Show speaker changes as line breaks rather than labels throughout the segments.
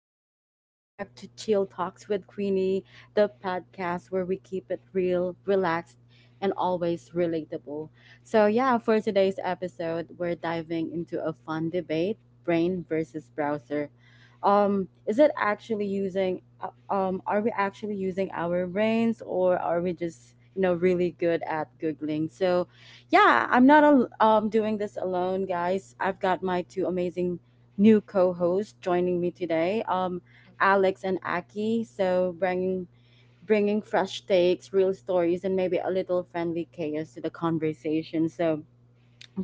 what's up? Welcome back to Chill Talks with Queenie, the podcast where we keep it real, relaxed, and always relatable. So, yeah, for today's episode, we're diving into a fun debate: brain versus browser. Is it actually using, Are we actually using our brains or are we just, really good at Googling? So, yeah, I'm not doing this alone, guys. I've got my two amazing new co-host joining me today, Alex and Aki. So bringing fresh takes, real stories, and maybe a little friendly chaos to the conversation. So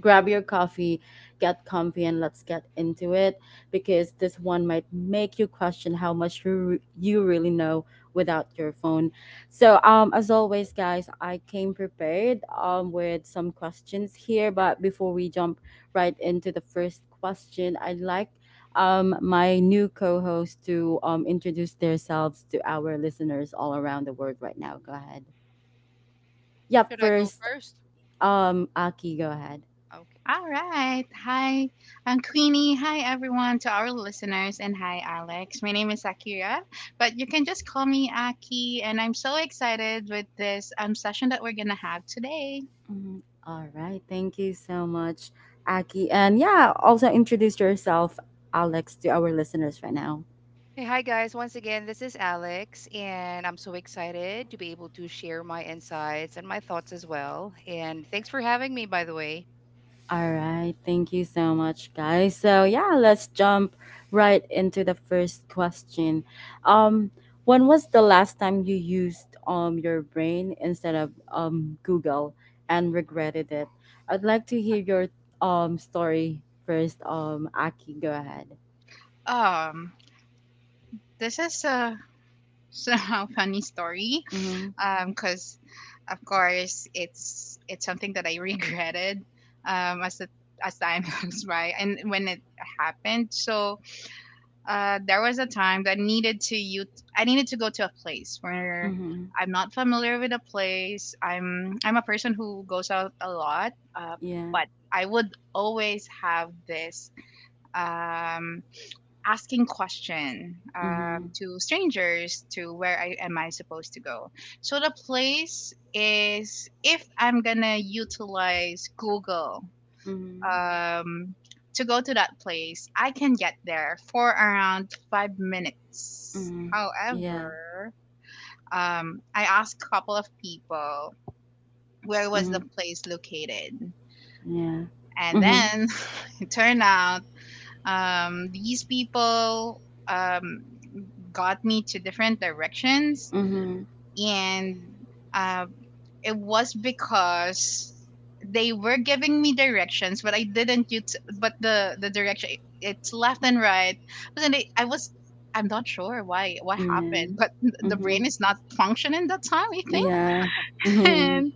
grab your coffee, get comfy, and let's get into it because this one might make you question how much you really know without your phone. So, as always, guys, I came prepared with some questions here, but before we jump right into the first question, I'd like my new co host to introduce themselves to our listeners all around the world right now. Go ahead. Yeah,
Should I go
first,
first?
Aki, go ahead.
Okay.
All right. Hi, I'm Queenie. Hi, everyone, to our listeners, and hi, Alex. My name is Akira, but you can just call me Aki, and I'm so excited with this session that we're going to have today.
Mhm. All right. Thank you so much, Aki. And yeah, also introduce yourself, Alex, to our listeners right now.
Hey, hi guys. Once again, this is Alex, and I'm so excited to be able to share my insights and my thoughts as well. And thanks for having me, by the way.
All right. Thank you so much, guys. So yeah, let's jump right into the first question. Um, when was the last time you used your brain instead of Google and regretted it? I'd like to hear your story first. Aki, go ahead.
Um, this is a somehow funny story
Mm-hmm.
because of course it's something that I regretted as the as time goes by and when it happened. So there was a time that needed to you I needed to go to a place where
Mm-hmm.
I'm not familiar with a place. I'm a person who goes out a lot,
Yeah.
but I would always have this um, asking question
Mm-hmm.
to strangers to where I am I supposed to go. So the place is, if I'm gonna utilize Google
Mm-hmm.
um, to go to that place, I can get there for around 5 minutes.
Mhm. Yeah.
However, I asked a couple of people where was the
Mhm.
place located,
Yeah.
and
Mhm.
then it turned out these people um, got me to different directions,
Mhm.
and uh, it was because they were giving me directions, but I didn't use. But the direction it's left and right. But then I was. I'm not sure why what
Yeah.
happened, but the brain
Mhm.
is not functioning that time, I think.
Yeah. Mhm.
And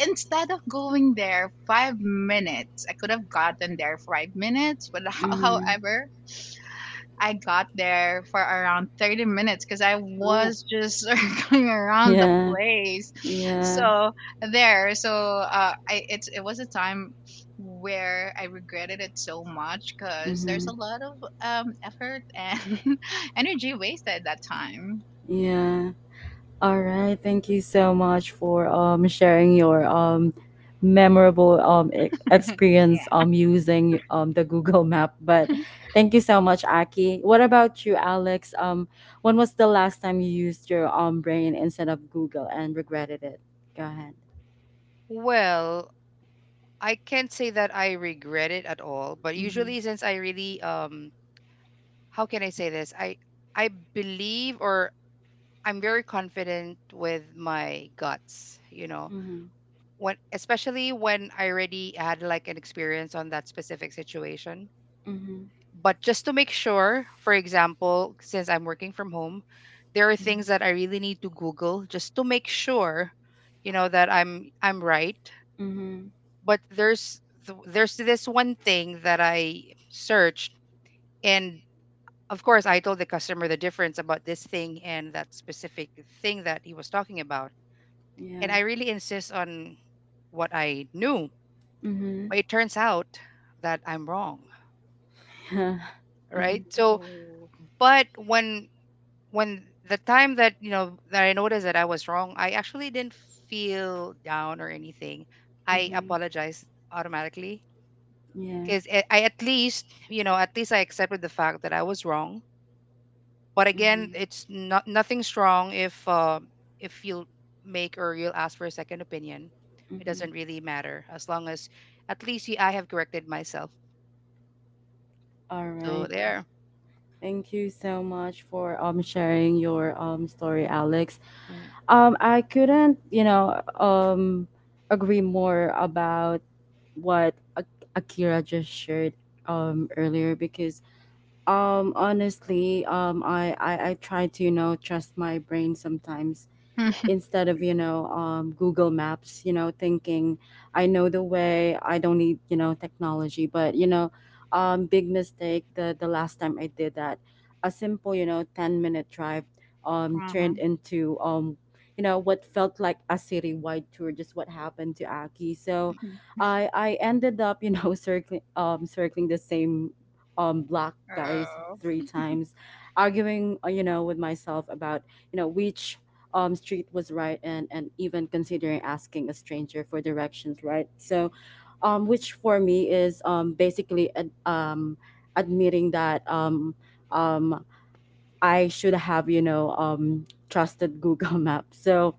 instead of going there 5 minutes, I could have gotten there 5 minutes. But
Mhm.
however, I got there for around 30 minutes because I
Ooh,
was just circling around the
Yeah.
place.
Yeah.
So there, so I it's it was a time where I regretted it so much because there's
Mhm.
a lot of effort and energy wasted that time.
Yeah. All right. Thank you so much for sharing your memorable experience
Yeah.
using the Google Map. But thank you so much, Aki. What about you, Alex? When was the last time you used your brain instead of Google and regretted it? Go ahead.
well, I can't say that I regret it at all, but usually since I really how can I say this? I believe, or I'm very confident with my guts, you know.
Mhm.
When especially when I already had, like, an experience on that specific situation.
Mhm.
But just to make sure, for example, since I'm working from home, there are things
Mhm.
that I really need to Google just to make sure, you know, that I'm right.
Mhm.
But there's this one thing that I searched, and of course I told the customer the difference about this thing and that specific thing that he was talking about. And
Yeah.
I really insist on what I knew.
Mhm.
But it turns out that I'm wrong,
Yeah.
right?
Mhm.
So,
Oh.
but when the time that you know that I noticed that I was wrong, I actually didn't feel down or anything. I
Mhm.
apologized automatically
Yeah.
because I at least I accepted the fact that I was wrong. But again,
Mhm.
it's not nothing strong if you'll make, or you'll ask for a second opinion. It
Mhm.
doesn't really matter, as long as at least I have corrected myself.
All
So
right.
there.
Thank you so much for sharing your story, Alex. I couldn't, agree more about what Akira just shared earlier, because honestly, I try to trust my brain sometimes
Uh-huh.
instead of, Google Maps, thinking I know the way. I don't need, technology. But big mistake. The last time I did that, a simple, 10-minute drive turned into, what felt like a citywide tour, just what happened to Aki. So
Mhm.
I ended up, circling the same block, guys,
Oh.
three times, arguing, with myself about, which street was right, and even considering asking a stranger for directions, right? So, which for me is basically admitting that, um, I should have, trusted Google Maps. So,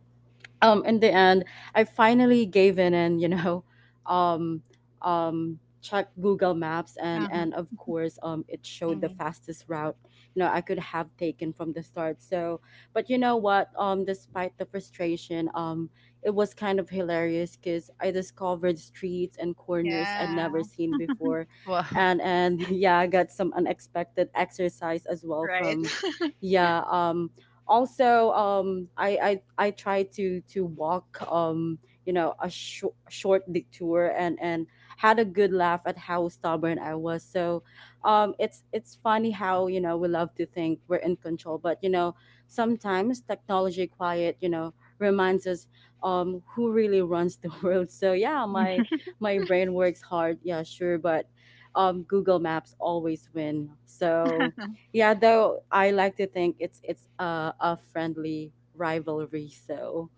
in the end, I finally gave in and, um checked Google Maps, and,
Uh-huh.
of course, it showed the
Mm-hmm.
fastest route, I could have taken from the start. So but, you know what, despite the frustration, it was kind of hilarious because I discovered streets and corners I'd never
Yeah.
seen before,
Wow.
and and yeah, I got some unexpected exercise as well
Right.
from yeah, also, I try to walk, a short detour, and had a good laugh at how stubborn I was. So it's funny how, we love to think we're in control, but, sometimes technology quiet, reminds us who really runs the world. So yeah, my my brain works hard, yeah sure, but Google Maps always win. So yeah, though I like to think it's a friendly rivalry. So,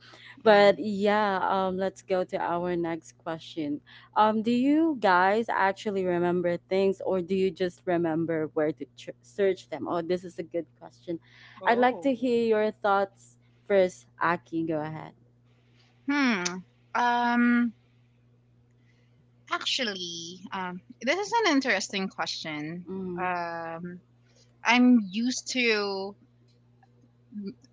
Hmm.
but yeah, let's go to our next question. Do you guys actually remember things, or do you just remember where to search them? Oh, this is a good question. I'd like to
Oh.
hear your thoughts first. Aki, go ahead.
Hmm. Um. Actually, this is an interesting question.
Mm,
Um, I'm used to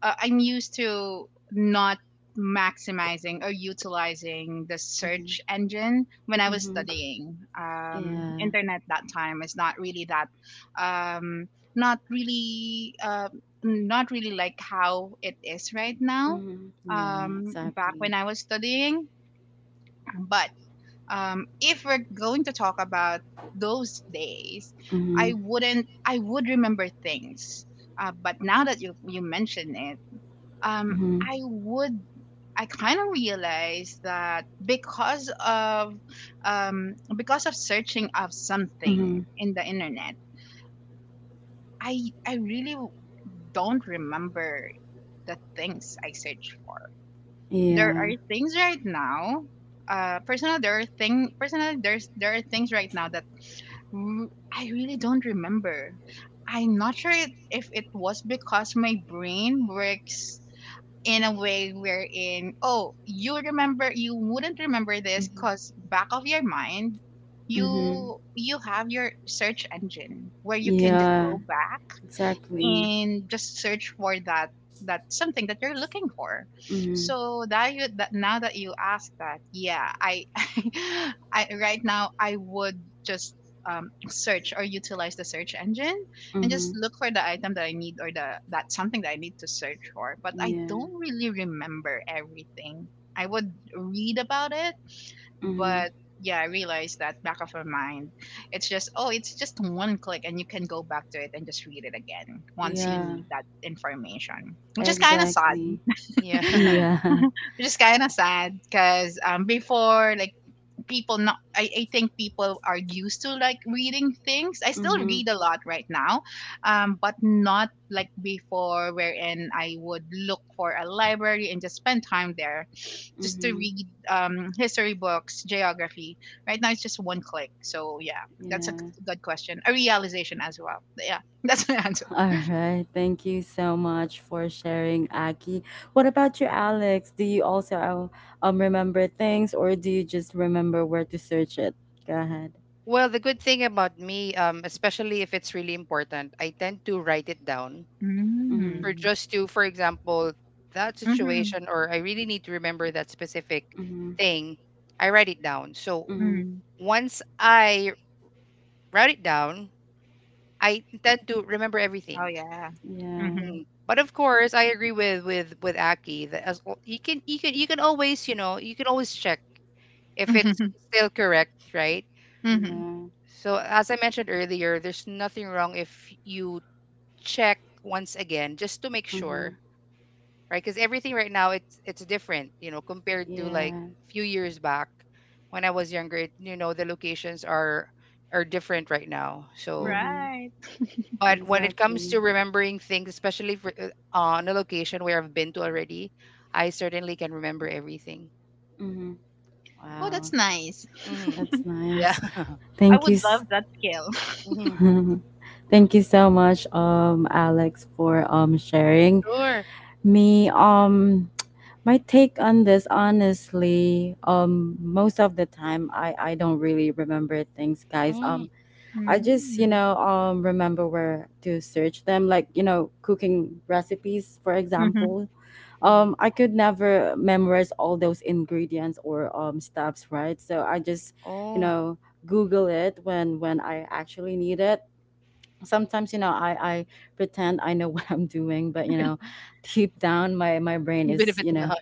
I'm used to not maximizing or utilizing the
mm-hmm,
search engine when I was
mm-hmm,
studying.
yeah,
Internet that time is not really that um, not really not really like how it is right now.
mm-hmm, yeah,
Back
exactly.
when I was studying, but if we're going to talk about those days,
Mm-hmm,
I wouldn't, I would remember things. But now that you mention it, um,
mm-hmm,
I would, I kind of realized that because of searching of
mm-hmm,
something in the internet, I really don't remember the things I search for.
Hmm.
There are
yeah.
things right now personally there are things right now that Mm, I really don't remember. I'm not sure if it was because my brain works in a way wherein, oh, you remember, you wouldn't remember this
Mm-hmm.
because back of your mind,
Mm-hmm.
you have your search engine where you can just
Yeah,
go back
exactly.
and just search for that that something that you're looking for.
Mm-hmm.
So that you, that now that you ask that, yeah, I I right now I would just search or utilize the search engine and just
Mm-hmm.
look for the item that I need or the that something that I need to search for, but I
Yeah.
don't really remember everything. I would read about it,
Mm-hmm.
but yeah, I realized that back of her mind, it's just, oh, it's just one click and you can go back to it and just read it again once you
Yeah,
need that information, which is kind of sad.
exactly.
Yeah.
Yeah.
Which is kind of sad because before, like, people not, I think people are used to like reading things. I still
Mm-hmm.
read a lot right now, but not like before, wherein I would look for a library and just spend time there just to
Mm-hmm.
read history books, geography. Right now, it's just one click. So yeah, that's a
Yeah.
good question. A realization as well. But yeah, that's my answer.
All right. Thank you so much for sharing, Aki. What about you, Alex? Do you also remember things, or do you just remember where to search it? Go ahead.
Well, the good thing about me, especially if it's really important, I tend to write it down,
Mm-hmm.
for
Mm.
just to, for example, that
Mm-hmm.
situation, or I really need to remember that specific
Mm-hmm.
thing. I write it down. So
Mm-hmm.
Mm.
once I write it down, I tend to remember
Oh,
everything.
yeah.
Yeah.
Mm-hmm.
Mm. But of course, I agree with Aki that, as l- you can you can you can always you know you can always check if it's
Mm-hmm.
still correct, right?
Mm-hmm.
Yeah.
So as I mentioned earlier, there's nothing wrong if, you check once again just to make
Mm-hmm.
sure, right? Because everything right now, it's different, you know, compared to like
Yeah.
few years back when I was younger. The locations are different right now. So,
Mm-hmm.
Right.
but when it comes
Exactly.
to remembering things, especially for, on a location where I've been to already, I certainly can remember everything.
Mm-hmm.
Oh,
Wow.
that's nice.
Hmm.
That's
Yeah.
nice.
I
Thank
would
you.
love that skill.
Hmm.
Thank you so much, Alex, for sharing
Sure.
me. My take on this, honestly, most of the time, I don't really remember things, guys.
Mm-hmm.
I just,
Mm.
remember where to search them, like, cooking recipes, for
Mm-hmm.
example,
Mm-hmm.
I could never memorize all those ingredients or steps, right? So I just, you
Oh,
know, Google it when I actually need it. Sometimes, I pretend I know what I'm doing, but, deep down my brain
even if
is, you
it's
know,
not.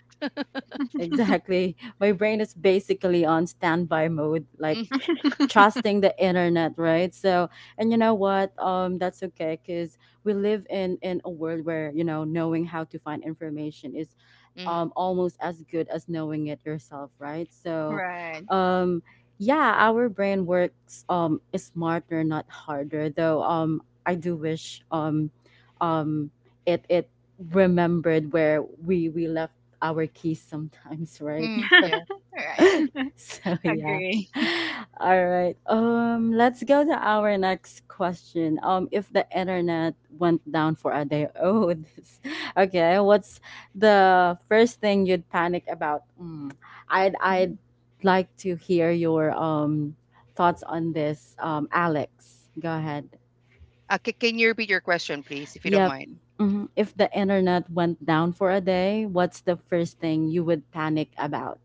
exactly. My brain is basically on standby mode, like, trusting the internet, right? So, and, you know what? That's okay because we live in a world where, knowing how to find information is,
Mm-hmm.
almost as good as knowing it yourself, right? So,
Right.
um, yeah, our brain works is smarter, not harder. Though I do wish, um, it remembered where we left our keys sometimes, right?
Mm-hmm.
So,
Yeah.
Right.
so yeah.
Agree.
All right. Let's go to our next question. If the internet went down for a day, oh, this, okay, what's the first thing you'd panic about? I'd like to hear your thoughts on this. Alex, go ahead.
Can you repeat your question, please, if you don't
Yep.
mind?
Mhm. If the internet went down for a day, what's the first thing you would panic about?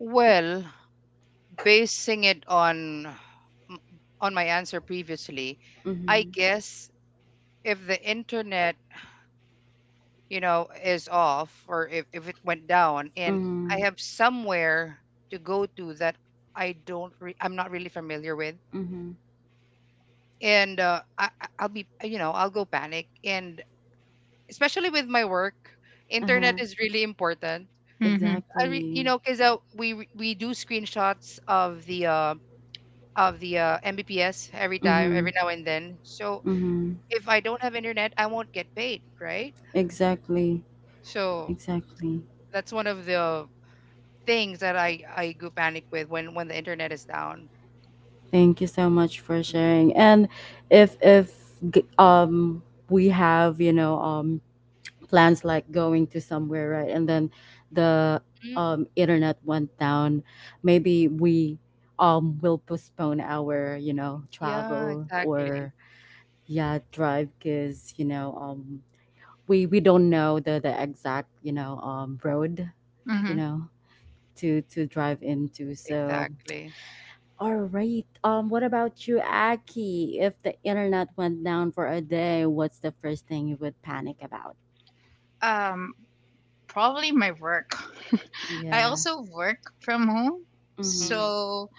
Well, basing it on m- on my answer previously, I
Mhm.
guess if the internet, you know, is off, or if it went down, and I
Mhm.
have somewhere to go to that I don't re- I'm not really familiar with,
Mhm.
and I- I'll be you know, I'll go panic. And especially with my work,
Uh-huh.
internet is really important.
Mm-hmm.
I re- you
Exactly.
know, cuz, we do screenshots of the Mbps every time,
Mhm.
every now and then. So
Mhm.
if I don't have internet, I won't get paid, right?
Exactly.
So
Exactly.
that's one of the things that I go panic with when the internet is down.
Thank you so much for sharing. And if g- um we have, plans like going to somewhere, right? And then the
Mm,
internet went down, maybe we will postpone our,
yeah,
travel
exactly.
or, yeah, drive because, we don't know the exact, road, you
Mm-hmm.
Hmm.
know to drive into. So
Exactly.
all right, what about you, Aki? If the internet went down for a day, what's the first thing you would panic about?
Um, probably my work. I
Yeah.
also work from home,
Mm-hmm.
Mm-hmm.
so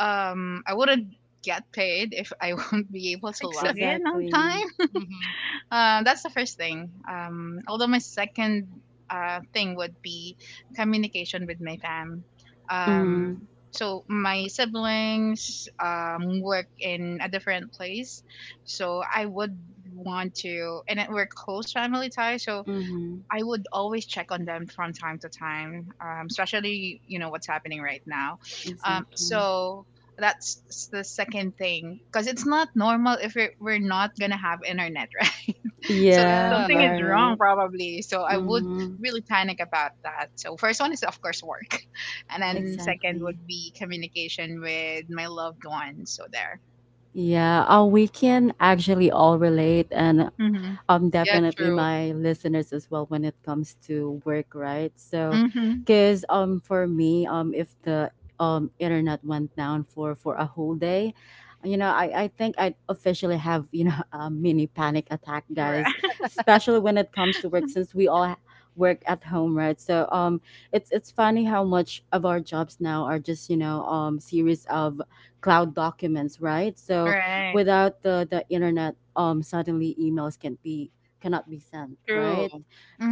I wouldn't get paid if I won't be able to log
Exactly.
in on
Exactly.
time.
Hmm.
That's the first thing. Although my second thing would be communication with my fam. Um,
Mm-hmm.
so my siblings work in a different place, so I would want to, and we're close family ties. So
Mm-hmm.
I would always check on them from time to time, especially you know what's happening right now.
Exactly.
So that's the second thing, because it's not normal if we're not gonna have internet, right? So
Yeah,
something
Yeah.
yeah,
is wrong
right.
probably. So I would
Mm-hmm.
really panic about that. So first one is of course work, and then
Hmm.
second would
Exactly.
be communication with my loved ones. So there.
Yeah, we can actually all relate, and
Mhm.
Yeah.
definitely
True.
my listeners as well when it comes to work, right? So,
Mhm.
because for me, if the internet went down for a whole day, I think I'd officially have, a mini panic attack,
Right.
guys, especially when it comes to work since we all work at home, right? So it's funny how much of our jobs now are just, series of cloud documents, right? So
Right.
without the internet, suddenly emails cannot be sent,
True.
right?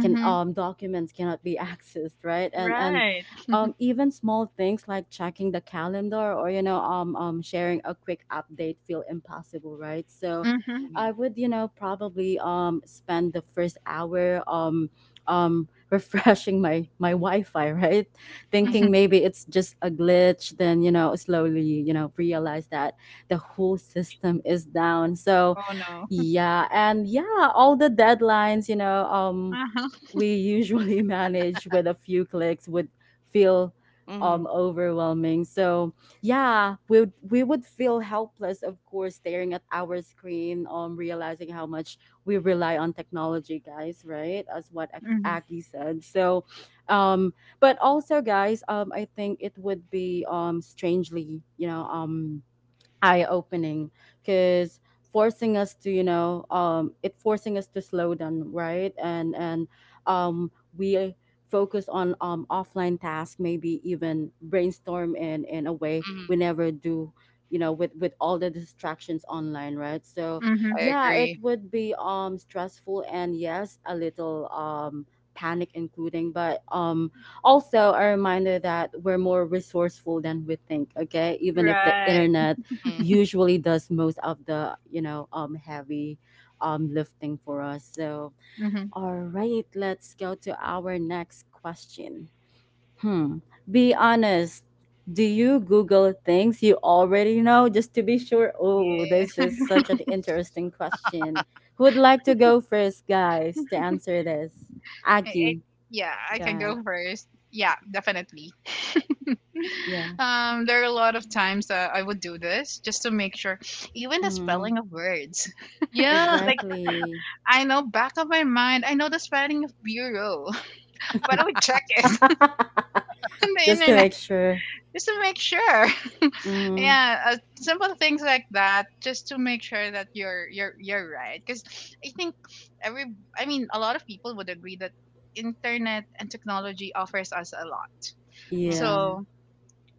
can Documents cannot be accessed, right? And
Right.
even small things like checking the calendar or, sharing a quick update, feel impossible, right? So
Mhm.
Hmm.
I would, probably spend the first hour refreshing my wi-fi, right?
Hmm.
Thinking maybe it's just a glitch, then, slowly, realize that the whole system is down. So,
Oh no.
yeah, and yeah, all the deadlines, we usually manage with a few clicks would feel
Hmm.
overwhelming. So yeah, we would feel helpless, of course, staring at our screen, realizing how much we rely on technology, guys, right? As what
Mhm.
Aki said. So, um, but also, guys, I think it would be strangely, eye opening, because forcing us to, you know it forcing us to slow down, right? And um we focus on offline tasks, maybe even brainstorm in a way we
Hmm.
never do, with all the distractions online, right? So
Mhm.
I
yeah, it
agree.
would be stressful and, yes, a little panic including, but also a reminder that we're more resourceful than we think, okay, even if the
Right.
internet
Hmm.
usually does most of the, heavy lifting for us. So
Mhm.
all right, let's go to our next question. Hmm, be honest, do you Google things you already know just to be sure? Oh, this
Yeah.
is such an interesting question. Who would like to go first, guys, to answer this?
I, I,
Aki?
yeah, I can
God,
go first. Yeah, definitely.
yeah.
There are a lot of times that I would do this just to make sure, even the
Hmm,
spelling of words.
Yeah.
Like,
exactly.
I know back of my mind, I know the spelling of bureau, but I would check it on the
Just to
internet
make sure.
just to make sure.
Hmm,
Yeah, simple things like that, just to make sure that you're you're right. Because I think every, I mean, a lot of people would agree that internet and technology offers us a lot.
Hmm.
yeah.
So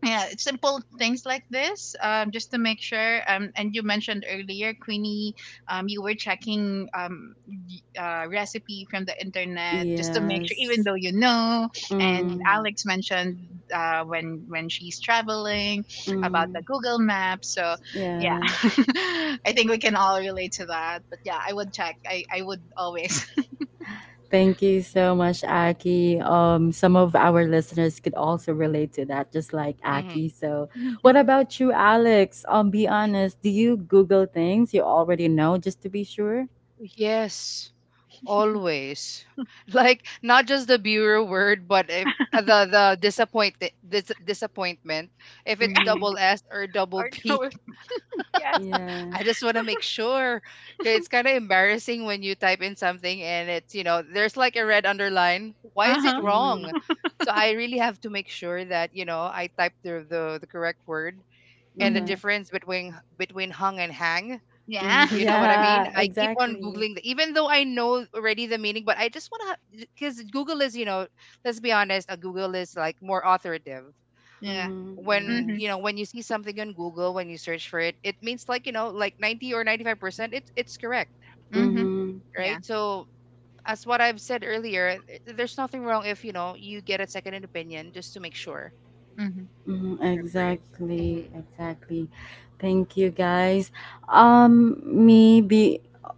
yeah, simple things like this, just to make sure, and you mentioned earlier, Queenie, you were checking recipe from the internet just to make sure even
Yes.
though you know. And
Mm,
Hmm.
Alex mentioned when she's traveling about
mm,
the Google Maps. So yeah,
yeah.
I think we can all relate to that, but yeah, I would check, I would always.
Thank you so much, Aki. Some of our listeners could also relate to that, just like Aki.
Hmm.
So, what about you, Alex? Be honest. Do you Google things you already know just to be sure?
Yes. Always. Like, not just the bureau word, but if the disappointment, if it's
Mm-hmm.
double s or double
Or
p.
no. Yes.
Yeah.
I just want to make sure. 'Cause it's kind of embarrassing when you type in something and it's you know there's, like, a red underline. Why is it
Uh-huh.
Mm-hmm.
wrong? So I really have to make sure that I type the correct word, and the
Hmm.
Yeah.
difference between hung and hang.
Yeah.
Mm-hmm.
You know what I mean?
Yeah.
I keep on
Exactly.
Googling, even though I know already the meaning. But I just want to, because Google is, you know, let's be honest, Google is, like, more authoritative.
Yeah.
Mm-hmm.
When,
Mm-hmm.
Yes.
you know, when you see something on Google, when you search for it, it means, like 90 or 95%, it's correct,
Mm-hmm.
Mm-hmm.
right?
Yeah.
So, as what I've said earlier, there's nothing wrong if you get a second opinion just to make sure.
Mm-hmm.
Mhm,
Agree.
exactly,
Hmm.
exactly. Thank you guys. Maybe be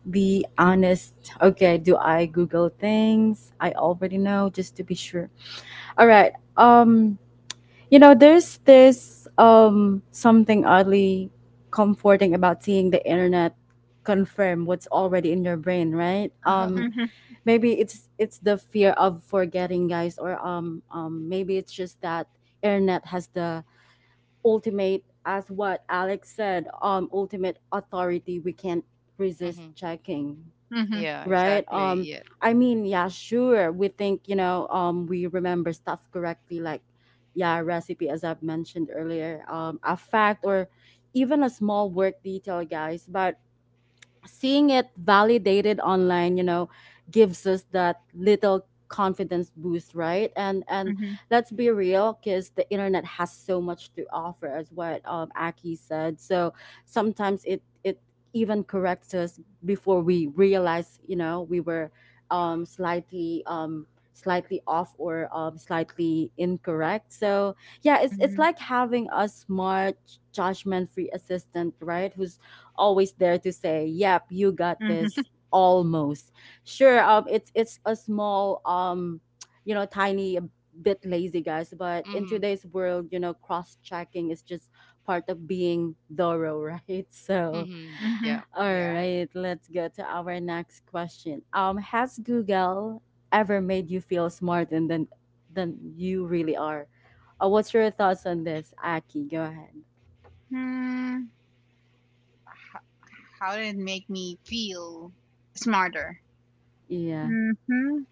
be honest. Okay, do I Google things I already know just to be sure? All right. There's this something oddly comforting about seeing the internet confirm what's already in your brain, right?
Mhm,
Maybe it's the fear of forgetting, guys, or maybe it's just that internet has the ultimate, as what Alex said, ultimate authority we can't resist
Hmm.
checking,
mhm,
Yeah,
right?
exactly. Yeah.
I mean, yeah, sure, we think, you know, we remember stuff correctly, like, yeah, recipe as I've mentioned earlier, a fact or even a small work detail, guys, but seeing it validated online, you know, gives us that little confidence boost, right? And
mhm,
let's be real, because the internet has so much to offer, as what Aki said. So sometimes it even corrects us before we realize, you know, we were slightly, slightly off or slightly incorrect. So yeah, it's
mhm,
like having a smart, judgment free assistant, right? Who's always there to say, "Yep, you got
mhm,
this." Almost sure. It's a small, you know, tiny bit lazy, guys. But in
Hmm.
today's world, you know, cross checking is just part of being thorough, right? So,
Hmm.
mhm.
Yeah.
all
Yeah.
right, let's go to our next question. Has Google ever made you feel smarter than you really are? What's your thoughts on this, Aki? Go ahead.
Hmm, how did it make me feel smarter?
Yeah.
Hmm.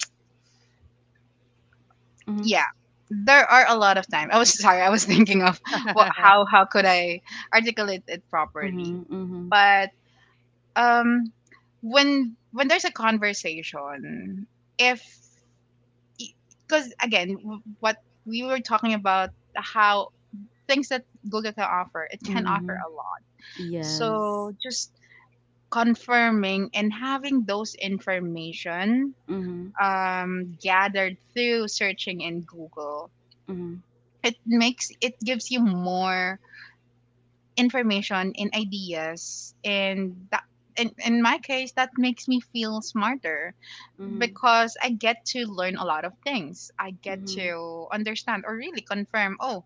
Mm-hmm.
Yeah, there are a lot of times. I was sorry, I was thinking of what, how could I articulate it properly?
Mm-hmm.
But um, when there's a conversation, if, because again, what we were talking about, how things that Google can offer, it can offer
Mm-hmm.
a lot.
Yes.
So just confirming and having those information
Mm-hmm.
gathered through searching in Google,
Mm-hmm.
it gives you more information and ideas, and that in my case that makes me feel smarter
Mm-hmm.
because I get to learn a lot of things. I get
Mm-hmm.
to understand or really confirm. Oh,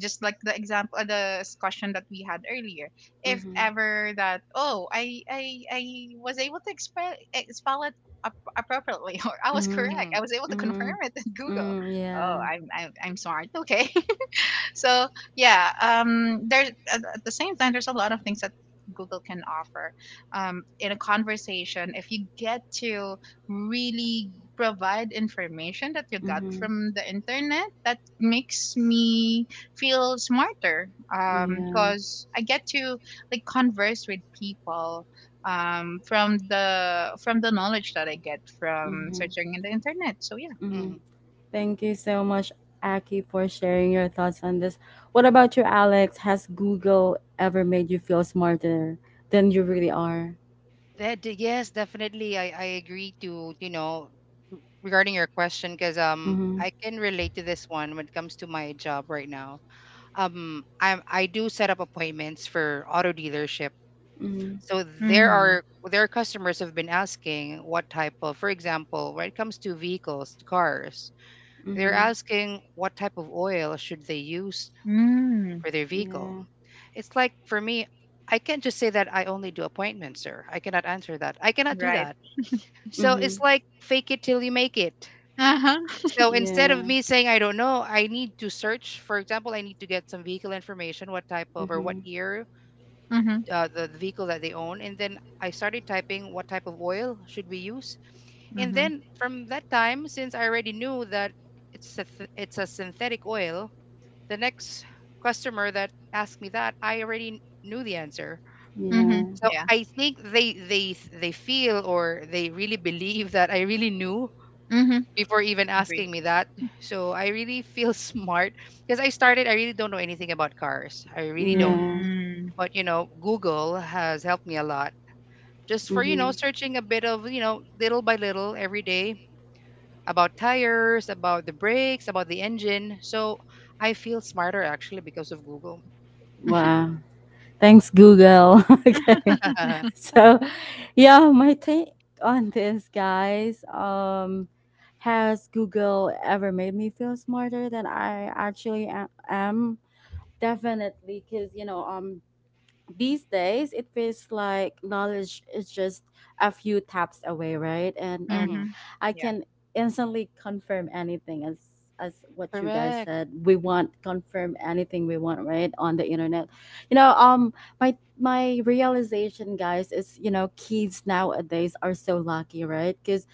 just like the example the discussion that we had earlier, if
Mm-hmm.
ever that, oh, I was able to express spell it appropriately or I was
Mm-hmm.
correct,
Hmm.
I was able to
Mm-hmm.
confirm it in Google.
Mm,
Oh,
yeah.
I'm smart, okay. So yeah, there's at the same time there's a lot of things that Google can offer in a conversation, if you get to really provide information that you got
Mm-hmm.
from the internet, that makes me feel smarter
Yeah.
because I get to like converse with people from the knowledge that I get from
Mm-hmm.
searching in the internet. So yeah.
Mm-hmm.
Hmm.
Thank you so much, Aki, for sharing your thoughts on this. What about you, Alex? Has Google ever made you feel smarter than you really are?
Yes, definitely. I agree to, regarding your question because
Mm-hmm.
I can relate to this one when it comes to my job right now. I do set up appointments for auto dealership.
Mm-hmm.
So there
Mm,
are their customers have been asking what type of, for example, when it comes to vehicles, to cars, they're
Mm-hmm.
asking what type of oil should they use
mm,
for their vehicle.
Yeah.
It's like, for me, I can't just say that I only do appointments, sir. I cannot answer that. I cannot do
right.
that, so
Mm-hmm.
it's like fake it till you make it.
Uh-huh.
So instead of
Yeah.
me saying I don't know, I need to search. For example, I need to get some vehicle information, what type of, or what
Mm-hmm.
year
Mm-hmm.
the vehicle that they own, and then I started typing what type of oil should we use. And
Mhm.
then from that time, since I already knew that it's a synthetic oil, the next customer that asked me that, I already knew the answer.
Yeah.
Mhm.
So
Yeah.
I think they feel, or they really believe that I really knew
Mhm.
before even
Agree.
asking me that. So I really feel smart, because I really don't know anything about cars. I really don't.
Yeah.
Mm.
But, you know, Google has helped me a lot, just for, you
Mm-hmm.
know, searching a bit of, you know, little by little every day, about tires, about the brakes, about the engine. So I feel smarter actually because of Google.
Wow. Thanks, Google. Okay. So, yeah, my take on this, guys. Has Google ever made me feel smarter than I actually am? Definitely, because, you know, these days it feels like knowledge is just a few taps away, right? And
Hmm.
Mhm.
I
Yeah.
can instantly confirm anything, as what you guys
Correct.
said, we want confirm anything we want right on the internet, you know. My realization, guys, is, you know, kids nowadays are so lucky, right? Because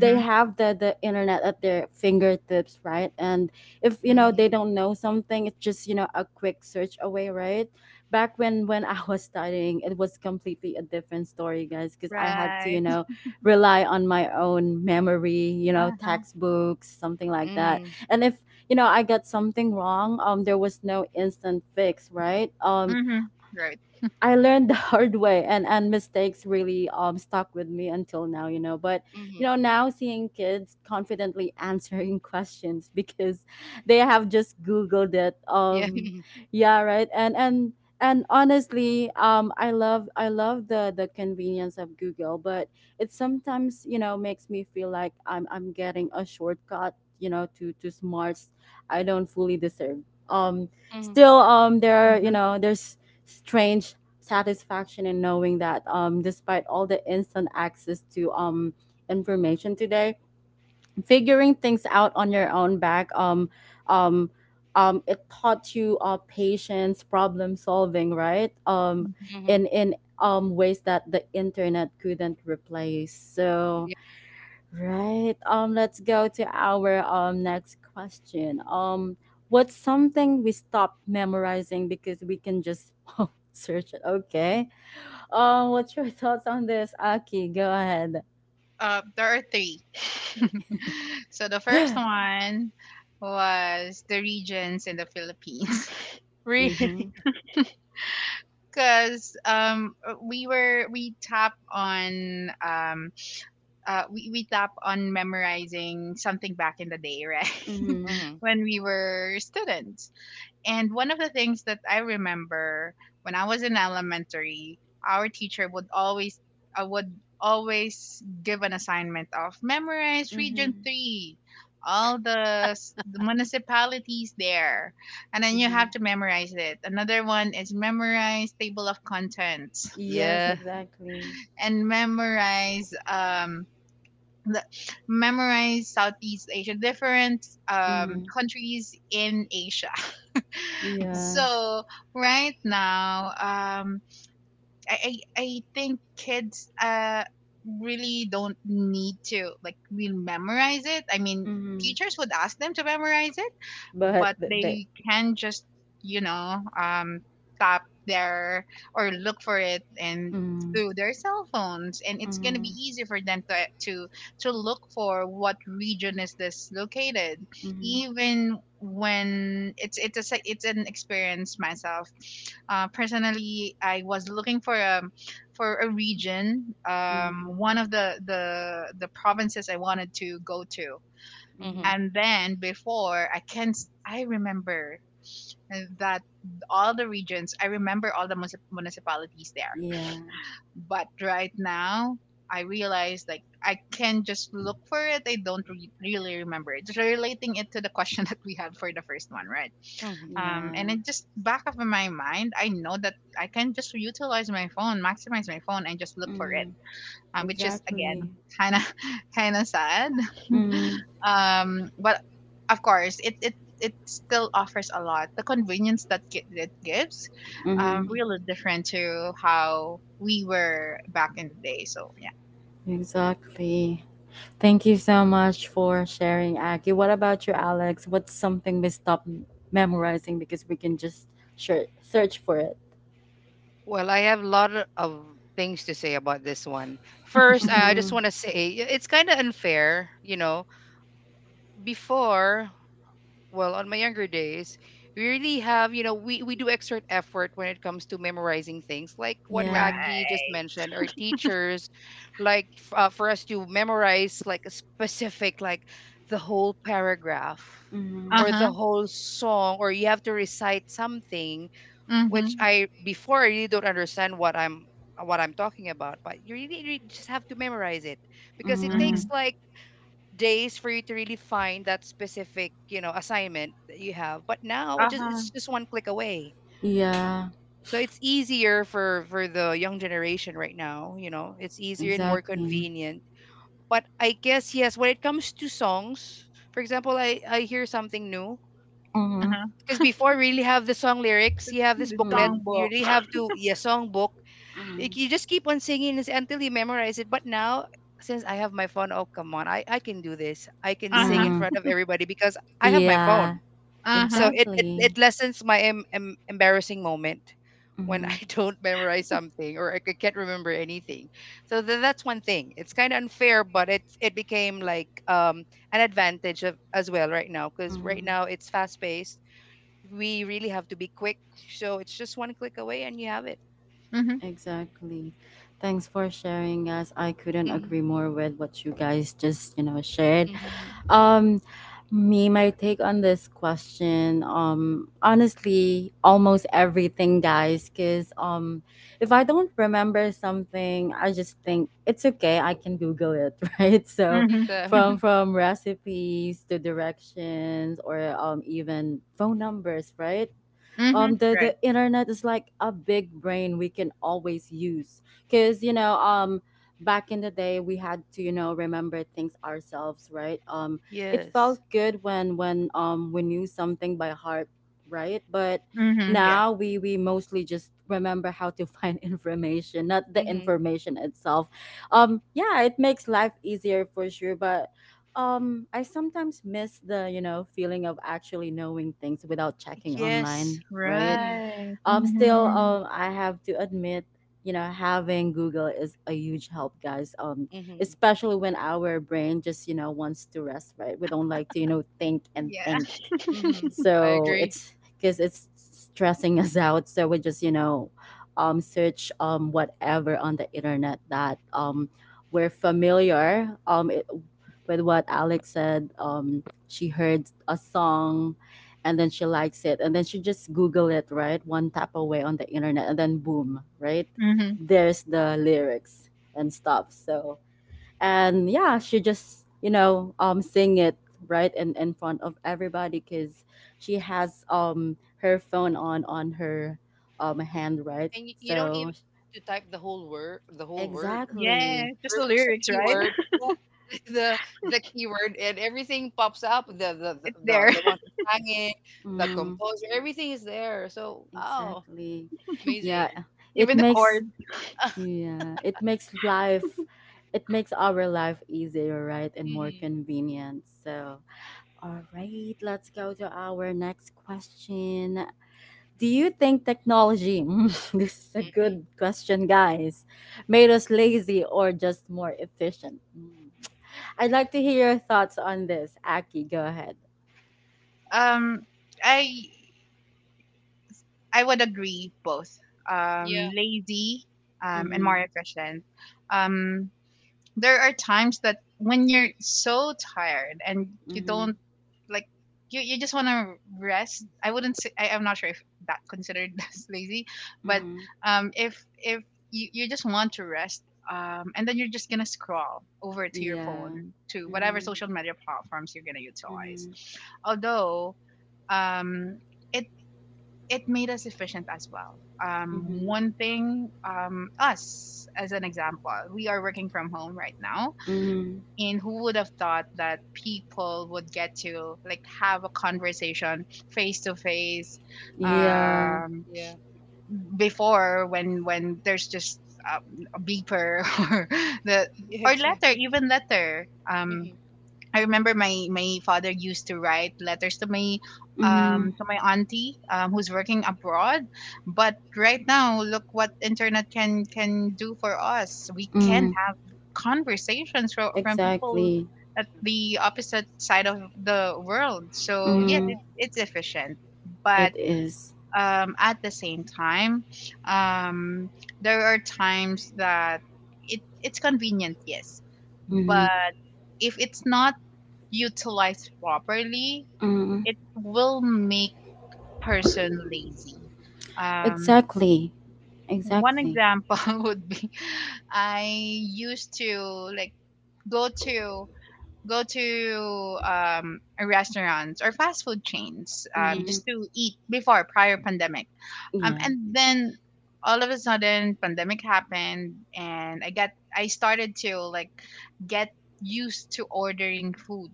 they have the internet at their fingertips, right? And if, you know,
Mm-hmm.
they don't know something, it's just, you know, a quick search away, right? Back when I was studying, it was completely a different story, guys, because I had to, you
Right.
know, rely on my own memory, you know,
Uh-huh.
textbooks, something like that.
Mm-hmm.
And if, you know, I got something wrong, there was no instant fix, right?
Mhm. Right.
I learned the hard way, and mistakes really stuck with me until now, you know. But,
Mm-hmm.
you know, now seeing kids confidently answering questions because they have just googled it.
Yeah.
Yeah, right. And honestly, I love the convenience of Google, but it sometimes, you know, makes me feel like I'm getting a shortcut, you know, to smarts I don't fully deserve. Um
Mm-hmm.
still, there are, you
Mhm.
know, there's strange satisfaction in knowing that, despite all the instant access to, information today, figuring things out on your own back, um, it taught you patience, problem solving, right?
Mhm.
Mm-hmm.
In ways that the internet couldn't replace. So
Yeah.
right. Let's go to our next question. What's something we stop memorizing because we can just search it? Okay. What's your thoughts on this, Aki? Go ahead.
There are three. So the first one was the regions in the Philippines.
Really.
Mhm.
Because we were we tap on memorizing something back in the day, right?
Mhm.
Mm-hmm.
When we were students. And one of the things that I remember when I was in elementary, our teacher would always would always give an assignment of memorize region
Mhm.
3, all the municipalities there. And then you have
Mhm.
to memorize it. Another one is memorize table of contents,
Yes,
Yeah.
exactly.
and memorize the, memorize Southeast Asia, different
Mhm.
countries in Asia.
Yeah.
So right now, I think kids really don't need to like really memorize it. I mean,
Mhm.
teachers would ask them to memorize it,
But
but
they.
they can just you know um tap their, or look for it, and
Mhm.
through their cell phones, and it's going to be
Mhm.
easy for them to to look for what region is this located.
Mhm.
Even when it's an experience myself. Personally, I was looking for a region,
Mhm.
one of the provinces I wanted to go to.
Mhm.
Mm-hmm.
And then before, I can not I remember that all the regions, I remember all the municipalities there.
Yeah.
But right now I realize like I can just look for it. I don't really remember it, just relating it to the question that we had for the first one, right?
Mm-hmm.
And
Yeah.
it just back of my mind, I know that I can just utilize my phone, maximize my phone, and just look for it.
Mhm.
Which is again
Exactly.
kind of kind of sad.
Mm,
But of course, it still offers a lot, the convenience that it gives.
mm,
Really different to how we were back in the day, so yeah.
exactly. Thank you so much for sharing, Aki. What about you, Alex? What's something we stop memorizing because we can just search for it?
Well, I have a lot of things to say about this one. First, I just
Mm,
want to say it's kind of unfair, you know. Before, well, on my younger days, we really have, we do exert effort when it comes to memorizing things, like what
yeah.
Aki just
Right.
mentioned, or teachers, like for us to memorize like a specific, like the whole paragraph,
Mm,
or the
Uh-huh.
whole song, or you have to recite something, which
Mm-hmm.
I, before, I really don't understand what I'm talking about. But you really, really just have to memorize it, because it
mm,
takes
Mm-hmm.
like days for you to really find that specific, you know, assignment that you have. But now
Uh-huh.
it's just one click away.
yeah,
So it's easier for the young generation right now, you know, it's easier and more
exactly.
convenient. But I guess yes, when it comes to songs, for example, I hear something new,
Mm,
Uh-huh.
because before we really have the song lyrics. You have this
The
booklet.
mm,
You
songbook.
really have to, yeah, song book.
mm,
Like, you just keep on singing this until you memorize it. But now, since I have my phone, oh come on, I can do this. I can sing in
mm,
Uh-huh.
front of everybody because I have my phone.
yeah,
So
Uh-huh.
exactly.
it lessens my embarrassing moment when I
Mm,
don't memorize something, or I can't remember anything. So that's one thing. It's kind of unfair, but it became, like, an advantage of, as well, right now, because right
mm,
now it's fast paced. We really have to be quick, so it's just one click away, and you have it.
Mm-hmm.
exactly. Thanks for sharing, guys. I couldn't
Mm-hmm,
agree more with what you guys just, you know, shared.
mm-hmm.
Um, me, my take on this question. Honestly, almost everything, guys. Cause if I don't remember something, I just think it's okay. I can Google it, right? So,
Like
Mm-hmm.
the
from
Hmm.
mhm.
from recipes to directions, or even phone numbers, right?
Hmm,
The
right.
the internet is like a big brain we can always use, because, you know, back in the day we had to, you know, remember things ourselves, right? It felt
Yes.
good when we knew something by heart, right? But
Mm-hmm,
Mhm.
yeah.
now we mostly just remember how to find information, not the
Mhm.
information itself. Yeah, it makes life easier for sure, but, I sometimes miss the, you know, feeling of actually knowing things without checking
Yes.
online, right?
Mhm.
Right.
Still,
Mm-hmm.
I have to admit, you know, having Google is a huge help, guys.
Mm-hmm.
Especially when our brain just, you know, wants to rest, right? We don't like to, you know, think and
Yeah.
think.
Mhm. I
So
agree.
it's because it's stressing us out. So we just, you know, search, whatever on the internet that we're familiar, with what Alex said. She heard a song and then she likes it and then she just google it, right? One tap away on the internet, and then boom, right?
Mm-hmm.
There's the lyrics and stuff. So, and yeah, she just, you know, sing it, right, in front of everybody, because she has, her phone on her, hand, right?
And you don't
So
even have to type the whole word, the whole word.
Yeah,
exactly.
just the
There's just a
lyrics, right?
keyword, yeah, the the keyword, and everything pops up. The the the
It's
the,
there.
the one who sang it, the
Mm,
composer, everything is there. So oh,
exactly.
amazing.
Yeah, it
Even the
makes
chords.
yeah it makes life it makes our life easier, right, and more
Mhm.
convenient. So all right, let's go to our next question. Do you think technology, Mm, this is a good
Hmm.
question, guys, made us lazy or just more efficient? Mm. I'd like to hear your thoughts on this. Aki, go ahead.
Um, I I would agree both.
Yeah.
Lazy, and more
Mm-hmm.
efficient. Um, there are times that when you're so tired and you
Mm-hmm.
don't like you just want to rest. I wouldn't say I, I'm not sure if that considered as lazy, but
Mm-hmm.
if you just want to rest. And then you're just gonna scroll over to your
Yeah.
phone to whatever
Mm-hmm.
social
Hmm.
media platforms you're gonna utilize.
Mm-hmm.
Although, um it it made us efficient as well.
Mhm.
One thing, us as an example, we are working from home right now,
Mm-hmm.
and who would have thought that people would get to like have a conversation face to face.
Yeah.
um,
Yeah.
Before, when there's just a beeper or the
Yeah,
or letter
exactly.
even letter.
Hmm.
I remember my my father used to write letters
Mm-hmm.
to my auntie, who's working abroad. But right now, look what internet can do for us. We can
Mm.
have conversations from people
Exactly.
at the opposite side of the world. So yes,
Mm-hmm.
Yeah.
it, it's efficient. But
It is.
at the same time, um there are times that it it's convenient, yes,
Mm-hmm.
but if it's not utilized properly,
Mm-hmm.
it will make person lazy. Um,
Exactly.
one
Exactly.
example would be I used to like go to go to restaurants or fast food chains,
Mm-hmm.
just
Hmm.
to eat before, prior pandemic.
Yeah.
And then all of a sudden pandemic happened, and I got, I started to like get used to ordering food,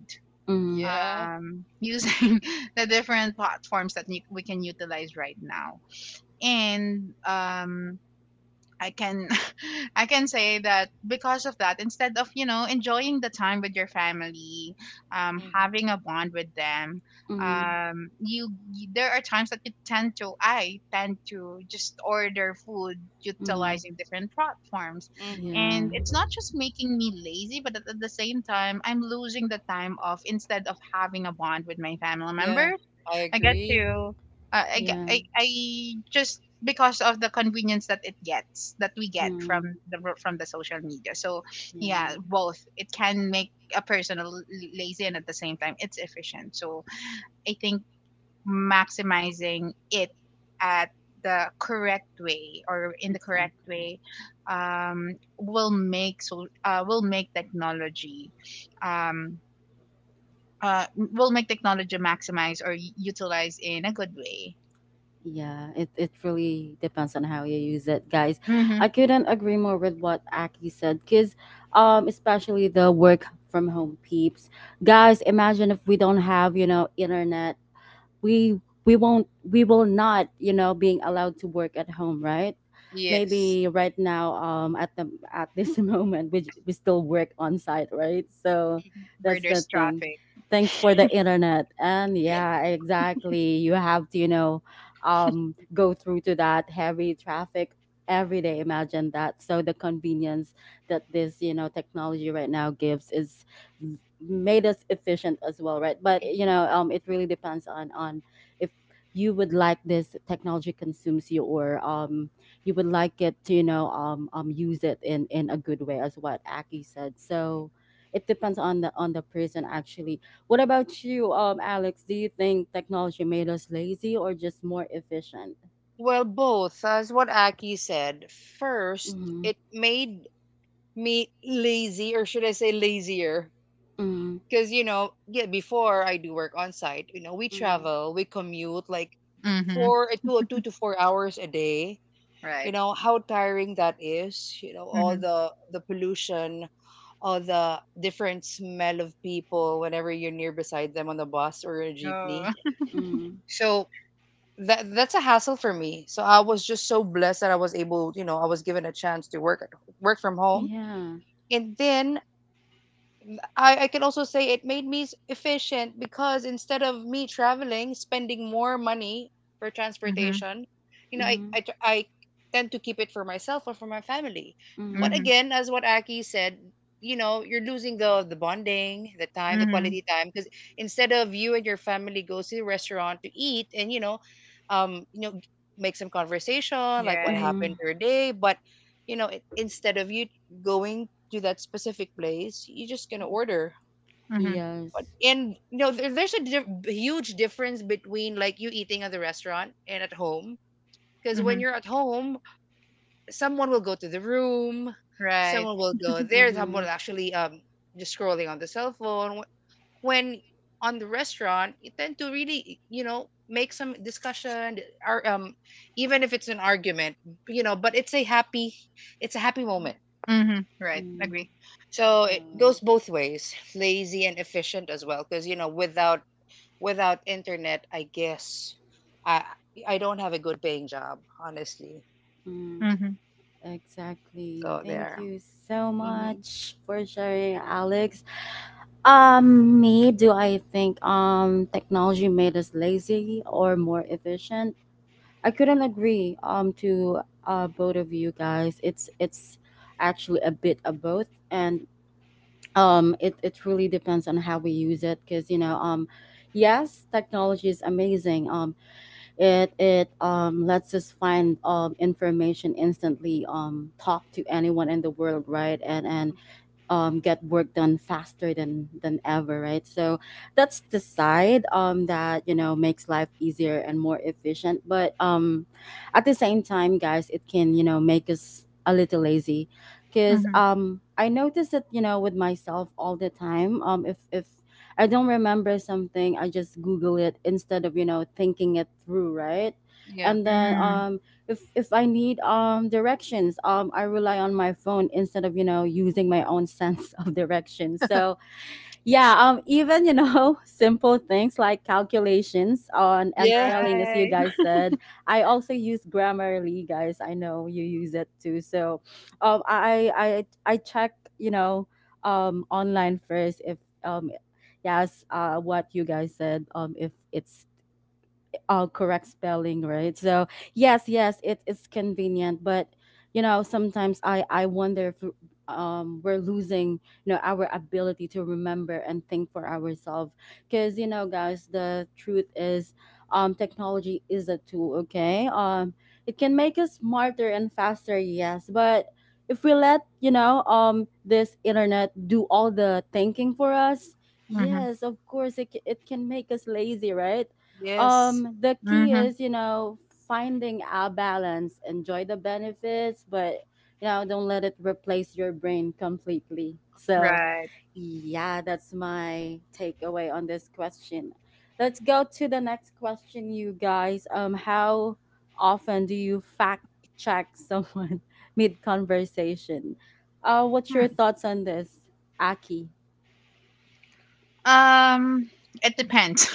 Yeah.
using the different platforms that we can utilize right now. And I can I can say that because of that, instead of, you know, enjoying the time with your family,
Hmm.
having a bond with them,
Mm.
there are times that you tend to I tend to just order food utilizing different platforms,
Hmm.
Yeah,
and it's not just making me lazy, but at the same time, I'm losing the time of, instead of having a bond with my family member,
Yeah, I
I get
agree.
you.
yeah,
I just because of the convenience that it gets that we get
mm,
from from the social media. So
yeah,
yeah, both, it can make a person lazy and at the same time it's efficient. So I think maximizing it at the correct way or in the correct
exactly.
way, um, will make so uh, will make technology um, will make technology maximize or utilize in a good way.
Yeah, it really depends on how you use it, guys.
Mm-hmm.
I couldn't agree more with what Aki said, because, especially the work from home peeps. Guys, imagine if we don't have, you know, internet, we will not, you know, being allowed to work at home, right?
Yes.
Maybe right now, at this moment we still work on site, right? So
Where
that's the
there's
thing,
traffic.
thanks for the internet. And yeah, exactly, you have to, you know, go through to that heavy traffic every day, imagine that. So the convenience that this, you know, technology right now gives is, made us efficient as well, right? But, you know, it really depends on if you would like this technology consumes you, or you would like it to, you know, use it in a good way, as what Aki said. So it depends on the, person actually. What about you, Alex, do you think technology made us lazy or just more efficient?
Well, both, as what Aki said. First,
Mm-hmm.
it made me lazy, or should I say lazier?
Mm-hmm.
Because, yeah, before I do work on site, we
Mm-hmm.
travel, we commute like
Mm-hmm.
2 to 4 hours a day. You
Right.
know, how tiring that is. You know, all
Mm-hmm.
the pollution, all the different smell of people whenever you're near beside them on the bus or a jeepney.
Oh.
Mm,
So that's a hassle for me. So I was just so blessed that I was able, you know, I was given a chance to work from home.
yeah.
And then I can also say it made me efficient because instead of me traveling, spending more money for
Mm-hmm.
transportation, I,
Mm-hmm.
I, tr- I tend to keep it for myself or for my family.
Mm-hmm.
But
Mm-hmm.
again, as what Aki said, you're losing the bonding, the time, the
Mm-hmm.
quality time, because instead of you and your family goes to the restaurant to eat and um, you know, make some conversation like what
Right.
happened
Mm-hmm.
your day, but instead of you going to that specific place, you're just gonna order.
Mm-hmm.
Yes.
And there's a huge difference between like you eating at the restaurant and at home. Because when
Mm-hmm.
you're at home, someone will go to the room,
Right.
someone will go there, someone
Mm-hmm.
will actually just scrolling on the cell phone. When on the restaurant, you tend to really make some discussion, or even if it's an argument. But it's a happy moment.
Mm-hmm. Right.
Mm,
Agree.
So it goes
alright.
both ways, lazy and efficient as well. Because without internet, I guess I I don't have a good paying job, honestly.
Mm,
Mm-hmm.
exactly.
So
Thank
there.
you so
Hmm.
much for sharing, Alex. Me, do I think technology made us lazy or more efficient? I couldn't agree, to both of you guys. It's actually a bit of both, and it really depends on how we use it. Cause, you know, yes, technology is amazing. It lets us find, information instantly. Talk to anyone in the world, right? And get work done faster than ever, right? So that's the side, that you know makes life easier and more efficient. But at the same time, guys, it can, you know, make us a little lazy, because
Mm-hmm.
I notice it, you know, with myself all the time. If I don't remember something, I just Google it instead of, you know, thinking it through, right?
Yeah.
And then,
Mm-hmm.
if I need directions, I rely on my phone instead of, you know, using my own sense of direction. So yeah, even, you know, simple things like calculations on and
Yeah.
spelling, as you
Right.
guys said, I also use Grammarly, guys. I know you use it too. So, I check, you know, online first if, um yes, what you guys said, if it's correct spelling, right? So yes, yes, it is convenient, but sometimes I wonder if we're losing our ability to remember and think for ourselves, because guys, the truth is, technology is a tool, okay. It can make us smarter and faster, yes, but if we let this internet do all the thinking for us,
Mm-hmm.
yes, of course it can make us lazy, right.
Yes.
The key
Mm-hmm.
is, finding a balance, enjoy the benefits, but don't let it replace your brain completely. So,
Right.
yeah, that's my takeaway on this question. Let's go to the next question, you guys. How often do you fact check someone mid conversation? What's your thoughts on this, Aki?
Hmm. It depends.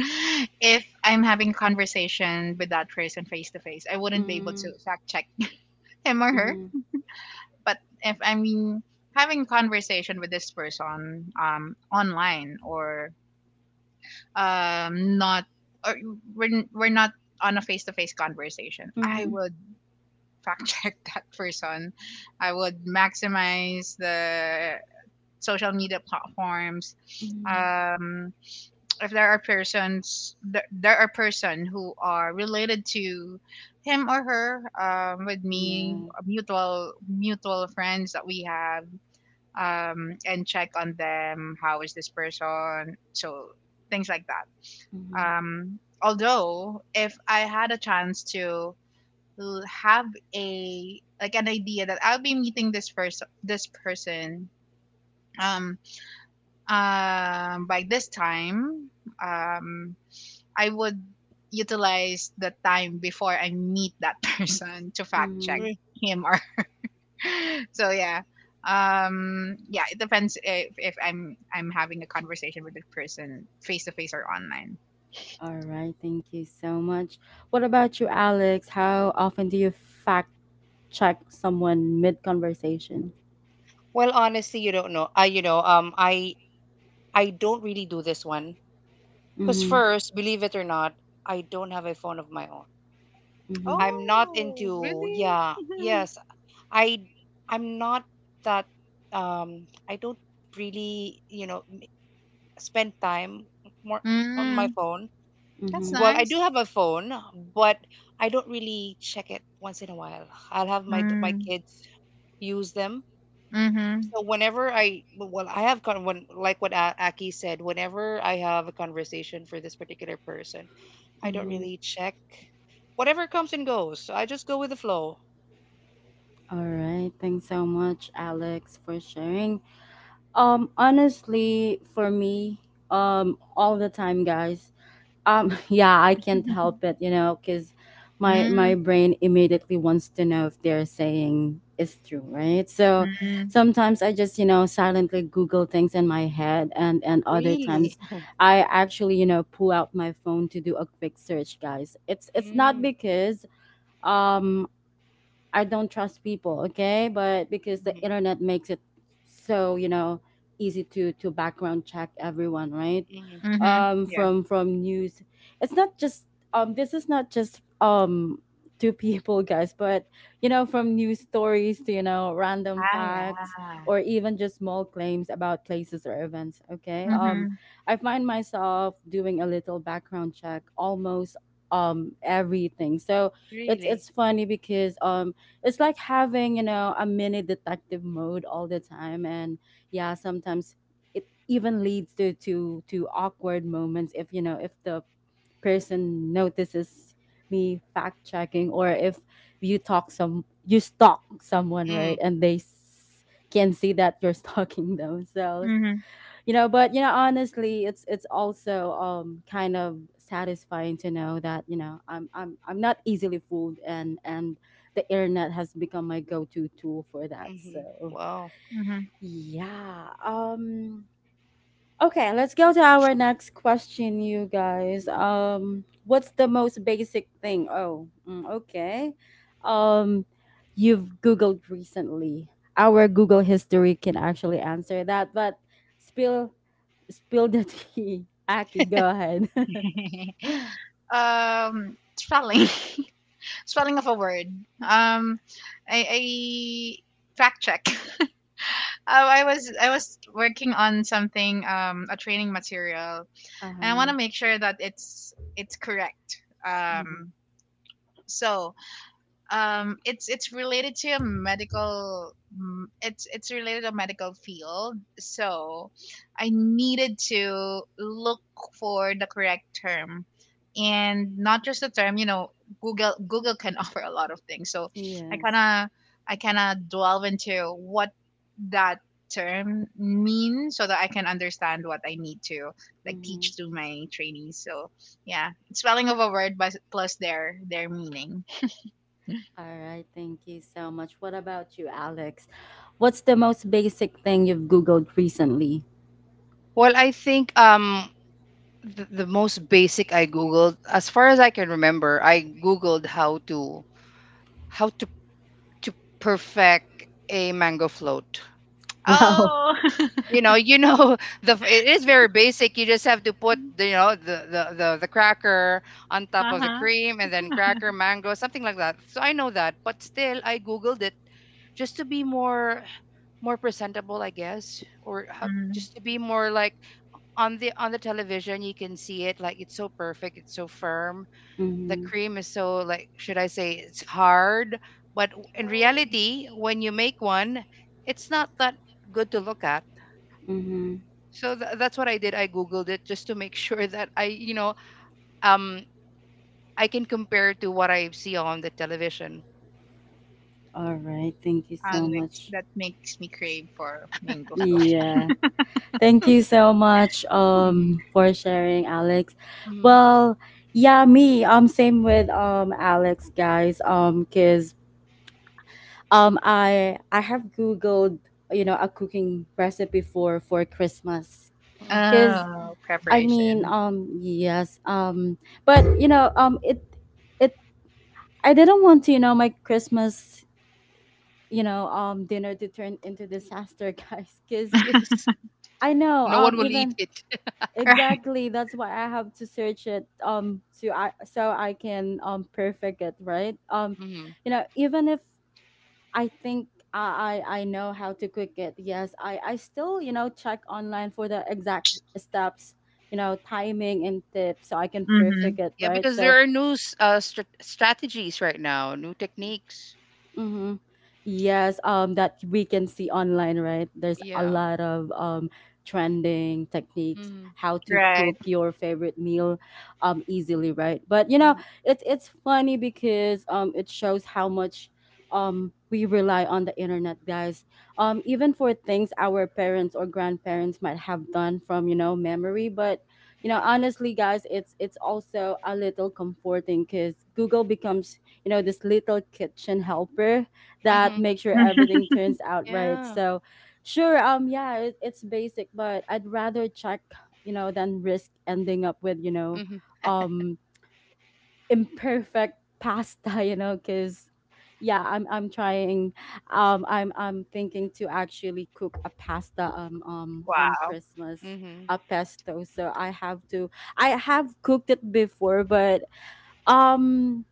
If I'm having conversation with that person face to face, I wouldn't be able to
Mm-hmm,
fact check him or her.
mm-hmm,
But if I mean having conversation with this person online or not or we're, we're not on a face-to-face conversation, I
mm-hmm,
would fact check that person. I would maximize the social media platforms.
mm-hmm.
um if there are persons there, there are person who are related to him or her, with me,
Yeah.
mutual mutual friends that we have, and check on them. How is this person? So things like that.
Mm-hmm.
Although, if I had a chance to l- have a like an idea that I'll be meeting this first this person, um, by this time, um, I would utilize the time before I meet that person to fact check
Mm-hmm.
Mm.
him or so yeah. Yeah, it depends if I'm I'm having a conversation with the person face to face or online.
All right, thank you so much. What about you, Alex? How often do you fact check someone mid conversation?
Well, honestly, you don't know. I, you know, I don't really do this one because
Mm-hmm.
first, believe it or not, I don't have a phone of my own.
Mm-hmm.
I'm not
Oh,
into,
really?
yeah, yes, I I'm not that um I don't really, spend time more on my
Mm,
phone.
that's
Mm-hmm.
Well, I
nice.
do have a phone, but I don't really check it once in a while. I'll have my
Mm.
kids use them.
Mm-hmm.
So, whenever I well, I have con when like what Aki said, whenever I have a conversation for this particular person, I don't
Mm-hmm.
really check. Whatever comes and goes. So I just go with the flow.
All right, thanks so much, Alex, for sharing. Honestly, for me, all the time, guys. Yeah, I can't help it, you know, because my
Mm.
brain immediately wants to know if they're saying is true, right? So
Mm.
sometimes I just, you know, silently Google things in my head, and other
Really.
times I actually, you know, pull out my phone to do a quick search, guys. It's not because um I don't trust people, okay? But because the internet makes it so, you know, easy to background check everyone, right?
Mm-hmm.
Mm-hmm. Yeah.
From news. It's not just this is not just to people, guys, but you know, from news stories to, you know, random
Ah, yeah.
facts or even just small claims about places or events, okay?
Mm-hmm.
I find myself doing a little background check almost everything. So
Really?
it's funny because it's like having, you know, a mini detective mode all the time, and yeah, sometimes it even leads to awkward moments if, you know, if the person notices me fact checking, or if you talk some you stalk someone, right,
Mm.
and they can see that you're stalking them. So
Mm-hmm.
you know, but you know honestly, it's also kind of satisfying to know that, you know, I'm not easily fooled, and the internet has become my go-to tool for that.
Hmm.
So
Wow.
Mm-hmm.
yeah, okay, let's go to our next question, you guys. Um, what's the most basic thing, oh, mm, okay, um you've googled recently. Our Google history can actually answer that, but spill. Spill the tea. Aki, go ahead.
Spelling. Spelling of a word. Um i i fact check. Oh, I was working on something, a training material, and I want
Uh-huh.
to make sure that it's correct.
Hmm.
So it's related to a medical, mm, it's related to a medical field. So I needed to look for the correct term, and not just the term, you know, Google can offer a lot of things. So I kind
Yes.
of, delve into what that term means, so that I can understand what I need to like
Mm-hmm.
teach to my trainees. So yeah, it's spelling of a word, but plus their meaning.
All right. Thank you so much. What about you, Alex? What's the most basic thing you've Googled recently?
Well, I think the most basic I googled, as far as I can remember, I googled how to how to to perfect a mango float.
Wow.
Oh.
You know, you know the It is very basic. You just have to put the you know the cracker on top of the
Uh-huh.
cream and then cracker mango, something like that. So I know that, but still I googled it just to be more presentable, I guess, or how,
Mm.
just to be more like on the television. You can see it, like, it's so perfect, it's so firm, the
Mm-hmm.
cream is so, like, should I say, it's hard. But in
Oh,
reality, when you make one, it's not that good to look at.
Mm-hmm.
So that's what I did. I googled it just to make sure that I you know um I can compare to what I see on the television.
All right. Thank you so
Mm-hmm.
Alex,
much.
that makes me crave for mango float.
Yeah. Thank you so much
Mm-hmm.
for sharing, Alex. Well, yeah, me. Same with Alex, guys. Cause um, I have googled, you know, a cooking recipe for Christmas, because
Oh,
I mean,
preparation.
yes, but you know, it it I didn't want to, you know, my Christmas, you know, dinner to turn into disaster, guys, because
Yes,
I know,
no one will eat
even
it.
exactly, that's why I have to search it, to I so I can perfect it, right?
Mhm.
You know, even if I think I know how to cook it. Yes, I still, you know, check online for the exact steps, you know, timing and tips, so I can perfect
Mm-hmm.
it.
Yeah,
Right.
because
So
there are new strategies right now, new techniques.
mm-hmm. Yes, that we can see online, right? There's a
Yeah.
lot of trending techniques,
Mhm.
how to
Right.
cook your favorite meal easily, right? But you know,
Mhm.
it's funny because it shows how much we rely on the internet, guys. Even for things our parents or grandparents might have done from, you know, memory, but you know, honestly, guys, it's also a little comforting because Google becomes, you know, this little kitchen helper that
Mhm.
makes sure everything turns out right.
Yeah.
So sure, yeah, it, it's basic, but I'd rather check, you know, than risk ending up with, you know,
Mhm.
um imperfect pasta, you know, because yeah, I'm trying, I'm thinking to actually cook a pasta on
Wow.
Christmas,
Mhm.
a pesto, so I have to, I have cooked it before, but um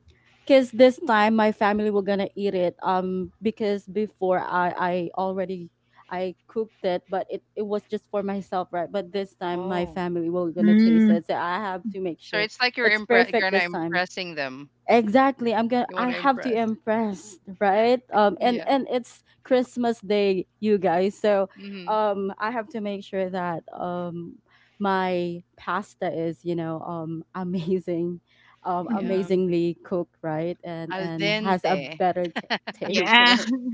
because this time my family were gonna eat it, because before I already, I cooked it, but it was just for myself, right? But this time my
Oh.
family were gonna taste
Mm.
it, so I have to make
So
sure
it's like you're
it's perfect
gonna
this time.
impressing them.
Exactly,
You
I
want to
have to
impress.
impress, right? And
Yeah.
it's Christmas day, you guys, so
Mhm.
I have to make sure that my pasta is, you know, um, amazing,
Mhm.
Yeah.
amazingly cooked, right, and
Al
has a
dente.
better taste,
Yeah.
right?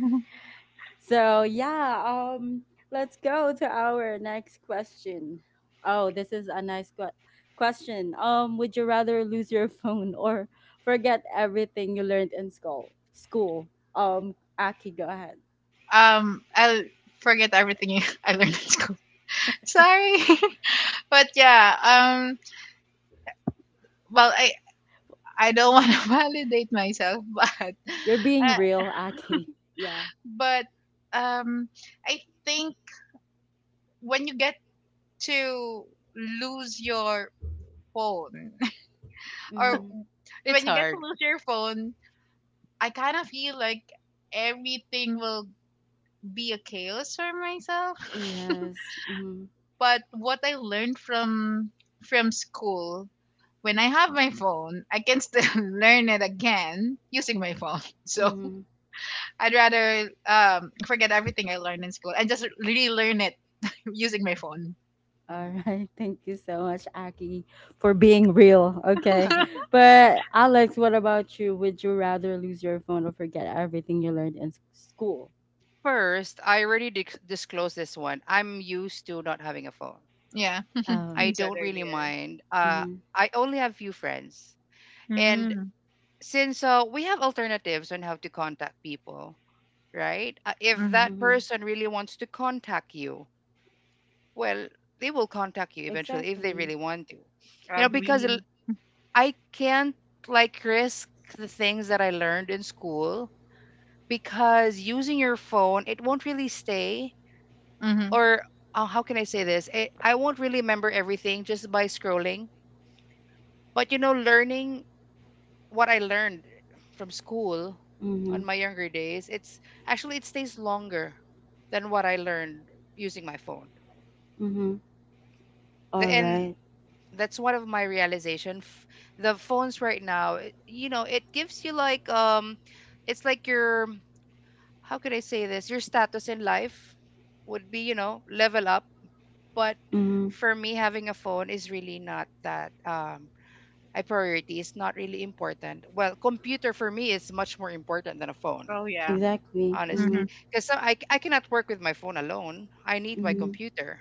So yeah, let's go to our next question. Oh, this is a nice question. Would you rather lose your phone or forget everything you learned in school? School. Aki, go ahead.
I'll forget everything I learned at school. Sorry. But yeah, well, I don't want to validate myself, but
You're being
uh,
real, Aki. Yeah.
but, um, I think when you get to lose your phone or
Mm-hmm.
It's
when you get to
hard.
lose your phone, I kind of feel like everything will be a chaos for myself.
Yes. Mm-hmm.
But what I learned from school, when I have my phone, I can still learn it again using my phone. So I'd rather forget everything I learned in school and just relearn it using my phone.
All
Mhm.
right. Thank you so much, Aki, for being real. Okay. But Alex, what about you? Would you rather lose your phone or forget everything you learned in school?
First, I already disclosed this one. I'm used to not having a phone.
Yeah,
Oh.
you
I
said
don't really
earlier.
mind.
Mm-hmm.
I only have few friends, and
Mm-hmm.
since we have alternatives on how to contact people, right? If that
Mm-hmm.
person really wants to contact you, well, they will contact you eventually if they
Exactly.
really want to. Because
Mm-hmm.
Agree.
I can't, like, risk the things that I learned in school, because using your phone, it won't really stay, or how can I say this? I won't really remember everything just by scrolling. But learning what I learned from school
Mm-hmm.
on my younger days, it stays longer than what I learned using my phone.
Mm-hmm.
The,
All
and
right.
that's one of my realization. The phones right now, it gives you like, it's like your, how could I say this? Your status in life would be, level up, but
Mm-hmm.
for me, having a phone is really not that a priority. It's not really important. Well, computer for me is much more important than a phone,
Oh, yeah.
Exactly. Mm-hmm.
honestly.
Mhm,
Because I cannot work with my phone alone. I need my
mhm.
Mm-hmm.
computer,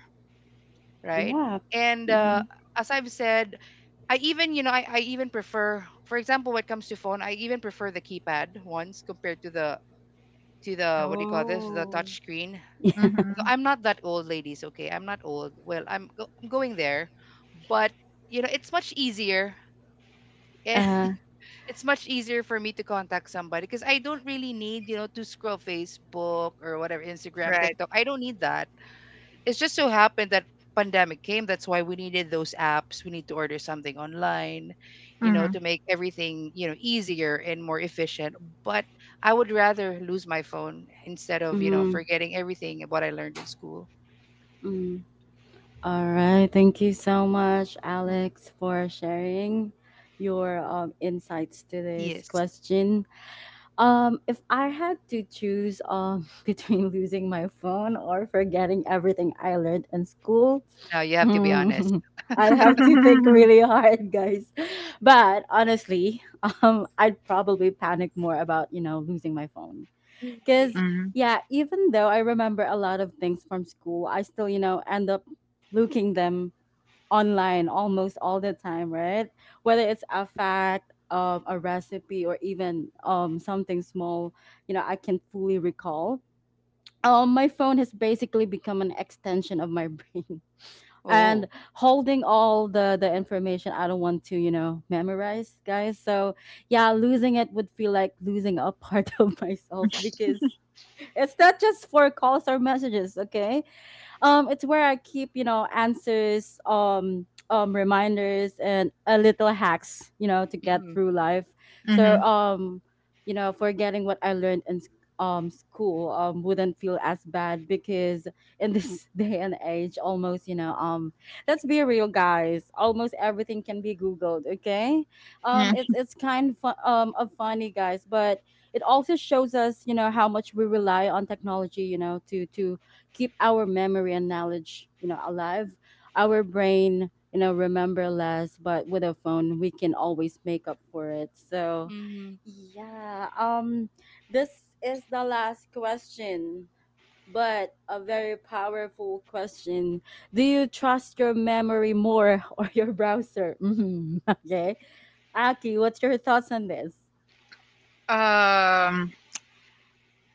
right?
Yeah.
And
Mm-hmm.
as I've said, I even you know I even prefer, for example, when it comes to phone, I even prefer the keypad ones compared to the what do you call this, the
Oh.
touch screen. Though
Mhm.
I'm not that old ladies, okay, I'm not old. Well, I'm going there. But it's much easier
Uh.
it's much easier for me to contact somebody because I don't really need, to scroll Facebook or whatever, Instagram,
Right.
TikTok. I don't need that. It's just so happened that pandemic came. That's why we needed those apps. We need to order something online,
Mhm.
to make everything, easier and more efficient. But I would rather lose my phone instead of,
Mm-hmm.
forgetting everything what I learned in school.
Mm-hmm. All right. Thank you so much,
Mm.
Alex, for sharing your insights to this
Yes.
question. If I had to choose between losing my phone or forgetting everything I learned in school,
Now you have to be
mm,
honest.
I'd have to think really hard, guys. But honestly, I'd probably panic more about, you know, losing my phone,
Really.
because
Mhm,
yeah, even though I remember a lot of things from school, I still, you know, end up looking them online almost all the time, right? Whether it's a fact, a recipe, or even something small, you know, I can fully recall. My phone has basically become an extension of my brain. And
Oh.
holding all the information I don't want to, you know, memorize, guys. So, yeah, losing it would feel like losing a part of myself, because it's not just for calls or messages, okay? It's where I keep, you know, answers, reminders, and a little hacks, you know, to get
Mm.
through life. So,
mhm.
you know, forgetting what I learned in school wouldn't feel as bad, because in this day and age, almost, you know, let's be real, guys. Almost everything can be Googled. Okay,
Yeah.
it's kind of, of funny, guys, but it also shows us, you know, how much we rely on technology, you know, to keep our memory and knowledge, you know, alive. Our brain, you know, remember less, but with a phone, we can always make up for it. So,
Mm-hmm.
yeah. This is the last question, but a very powerful question. Do you trust your memory more or your browser? Mhm. Okay. Aki, what's your thoughts on this?
Um,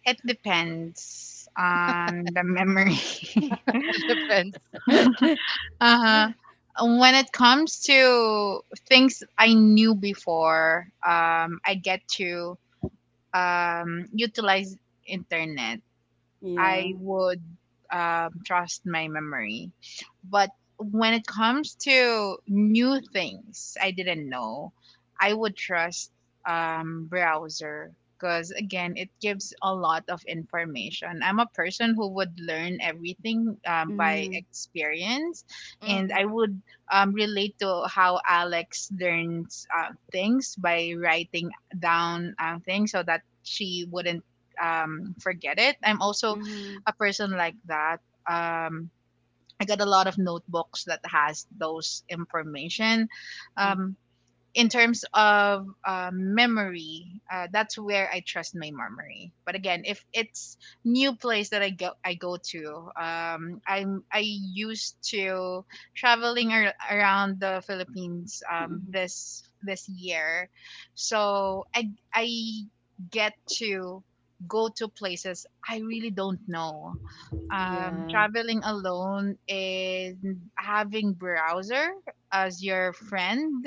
it depends on the memory.
It depends.
Yeah.
Uh-huh. When it comes to things I knew before, I get to utilize internet, I would trust my memory. But when it comes to new things I didn't know, I would trust browser, because again, it gives a lot of information. I'm a person who would learn everything by
Mm-hmm.
experience, and I would relate to how Alex learns things by writing down things so that she wouldn't forget it. I'm also
Mm-hmm.
a person like that. um I got a lot of notebooks that has those information. um in terms of memory, that's where I trust my memory. But again, if it's new place that I go to, I'm I used to traveling around the Philippines
Mm-hmm.
this this year, so I get to go to places I really don't know,
Yeah.
traveling alone, and having browser as your friend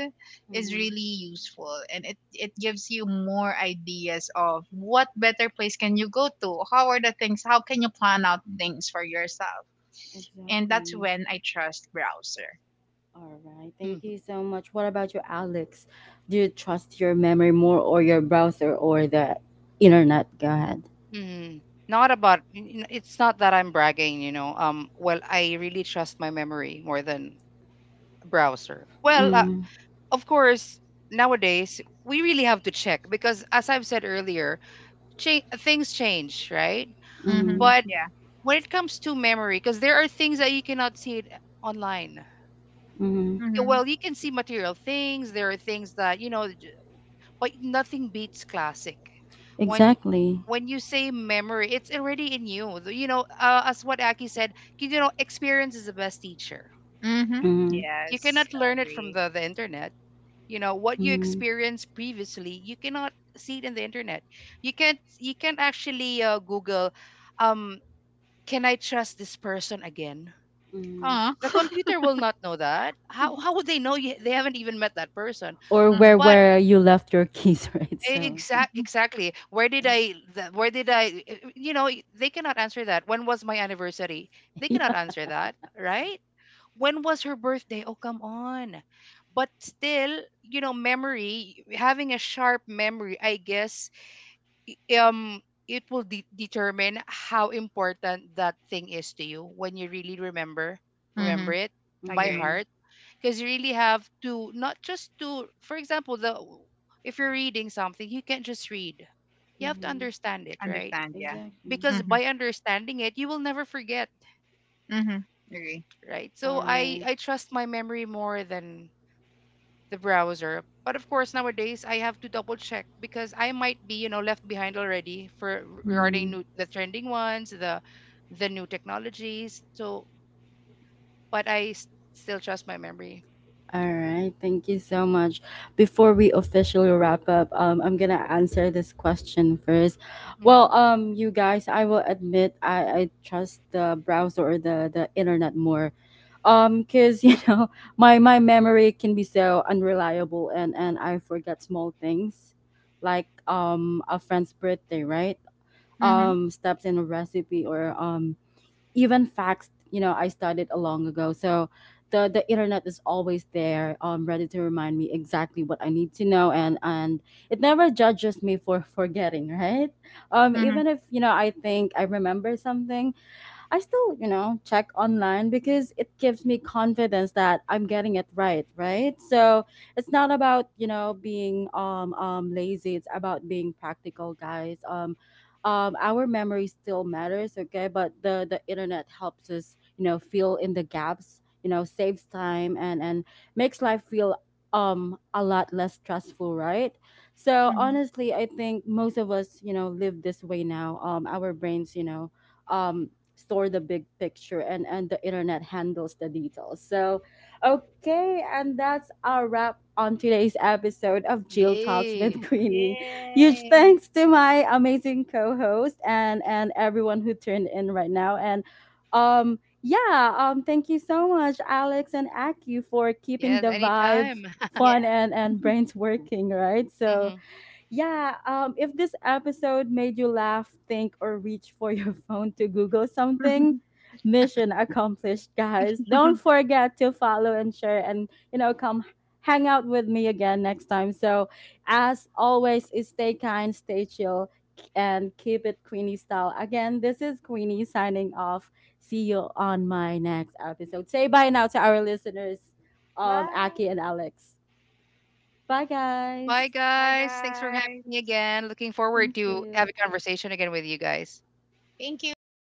is
Mhm.
really useful, and it gives you more ideas of what better place can you go to, how are the things, how can you plan out things for yourself. And that's
Exactly.
when I trust browser.
All right. Thank
Mm-hmm.
you so much. What about you, Alex? Do you trust your memory more or your browser or the internet? Go ahead.
Mm, not about n- n- it's not that I'm bragging. Well, I really trust my memory more than browser. Well,
Mm,
of course, nowadays we really have to check because, as I've said earlier, things change, right?
Mm-hmm,
mm,
But
yeah.
when it comes to memory, because there are things that you cannot see it online.
mm,
Yeah,
Mm-hmm.
well, you can see material things. There are things that you know. But nothing beats classic. When
exactly.
when you say memory, it's already in you. As what Aki said, experience is the best teacher.
Mm-hmm.
Mm,
You
Yes.
cannot learn it from
Agree.
the internet. What you
mm,
experienced previously, you cannot see it in the internet. You can't actually Google, um, can I trust this person again?
mm.
Oh.
The computer will not know that. How would they know you, they haven't even met that person?
Or
Mm-hmm.
But
where you left your keys, right? So,
Exactly. Where did I? They cannot answer that. When was my anniversary? They
yeah.
cannot answer that, right? When was her birthday? Oh, come on. But still, memory, having a sharp memory, I guess, um, it will determine how important that thing is to you when you really
Mm-hmm.
remember it by
Agree.
Mm,
heart. Because you really have to, not just to for example, the if you're reading something, you can't just read, you have to
mm,
understand it, right?
Understand, yeah.
exactly.
Because
Mm-hmm.
by understanding it, you will never forget,
Mm-hmm. Agree.
right? So
All
i
right.
i trust my memory more than the browser, but of course nowadays I have to double check because I might be, left behind already for regarding the trending ones, the new technologies. So, but I still trust my memory.
All right, thank you so much. Before we officially wrap up, I'm gonna answer this question first.
Mm.
Well, you guys, I will admit, I trust the browser or the internet more. Cause you know, my memory can be so unreliable, and I forget small things, like a friend's birthday, right?
Mm-hmm.
Steps in a recipe, or even facts, you know, I studied a long ago. So the internet is always there, um, ready to remind me exactly what I need to know, and it never judges me for forgetting. Right. Um,
Mm-hmm.
even if, you know, I think I remember something, I still, you know, check online, because it gives me confidence that I'm getting it right, right? So it's not about, you know, being lazy. It's about being practical, guys. Our memory still matters, okay? But the internet helps us, you know, fill in the gaps, you know, saves time, and makes life feel a lot less stressful, right? So
Mm-hmm.
honestly, I think most of us, you know, live this way now. Our brains, you know, um store the big picture, and the internet handles the details. So okay, and that's our wrap on today's episode of Jill Talks
Yay!
with Queenie. Huge
Yay.
thanks to my amazing co-host, and everyone who turned in right now. And um, yeah, um, thank you so much, Alex and Aki, for keeping
Yes,
the vibe
anytime.
fun,
Yeah.
and brains working, right?
Hmm.
So yeah, if this episode made you laugh, think, or reach for your phone to Google something, mission accomplished, guys. Don't forget to follow and share, and, you know, come hang out with me again next time. So, as always, is stay kind, stay chill, and keep it Queenie style. Again, this is Queenie signing off. See you on my next episode. Say bye now to our listeners,
Bye.
Aki and Alex. Bye,
Bye,
guys.
Bye,
guys. Thanks for having
guys.
me again. Looking forward
Thank
to
you.
have a conversation again with you guys.
Thank you.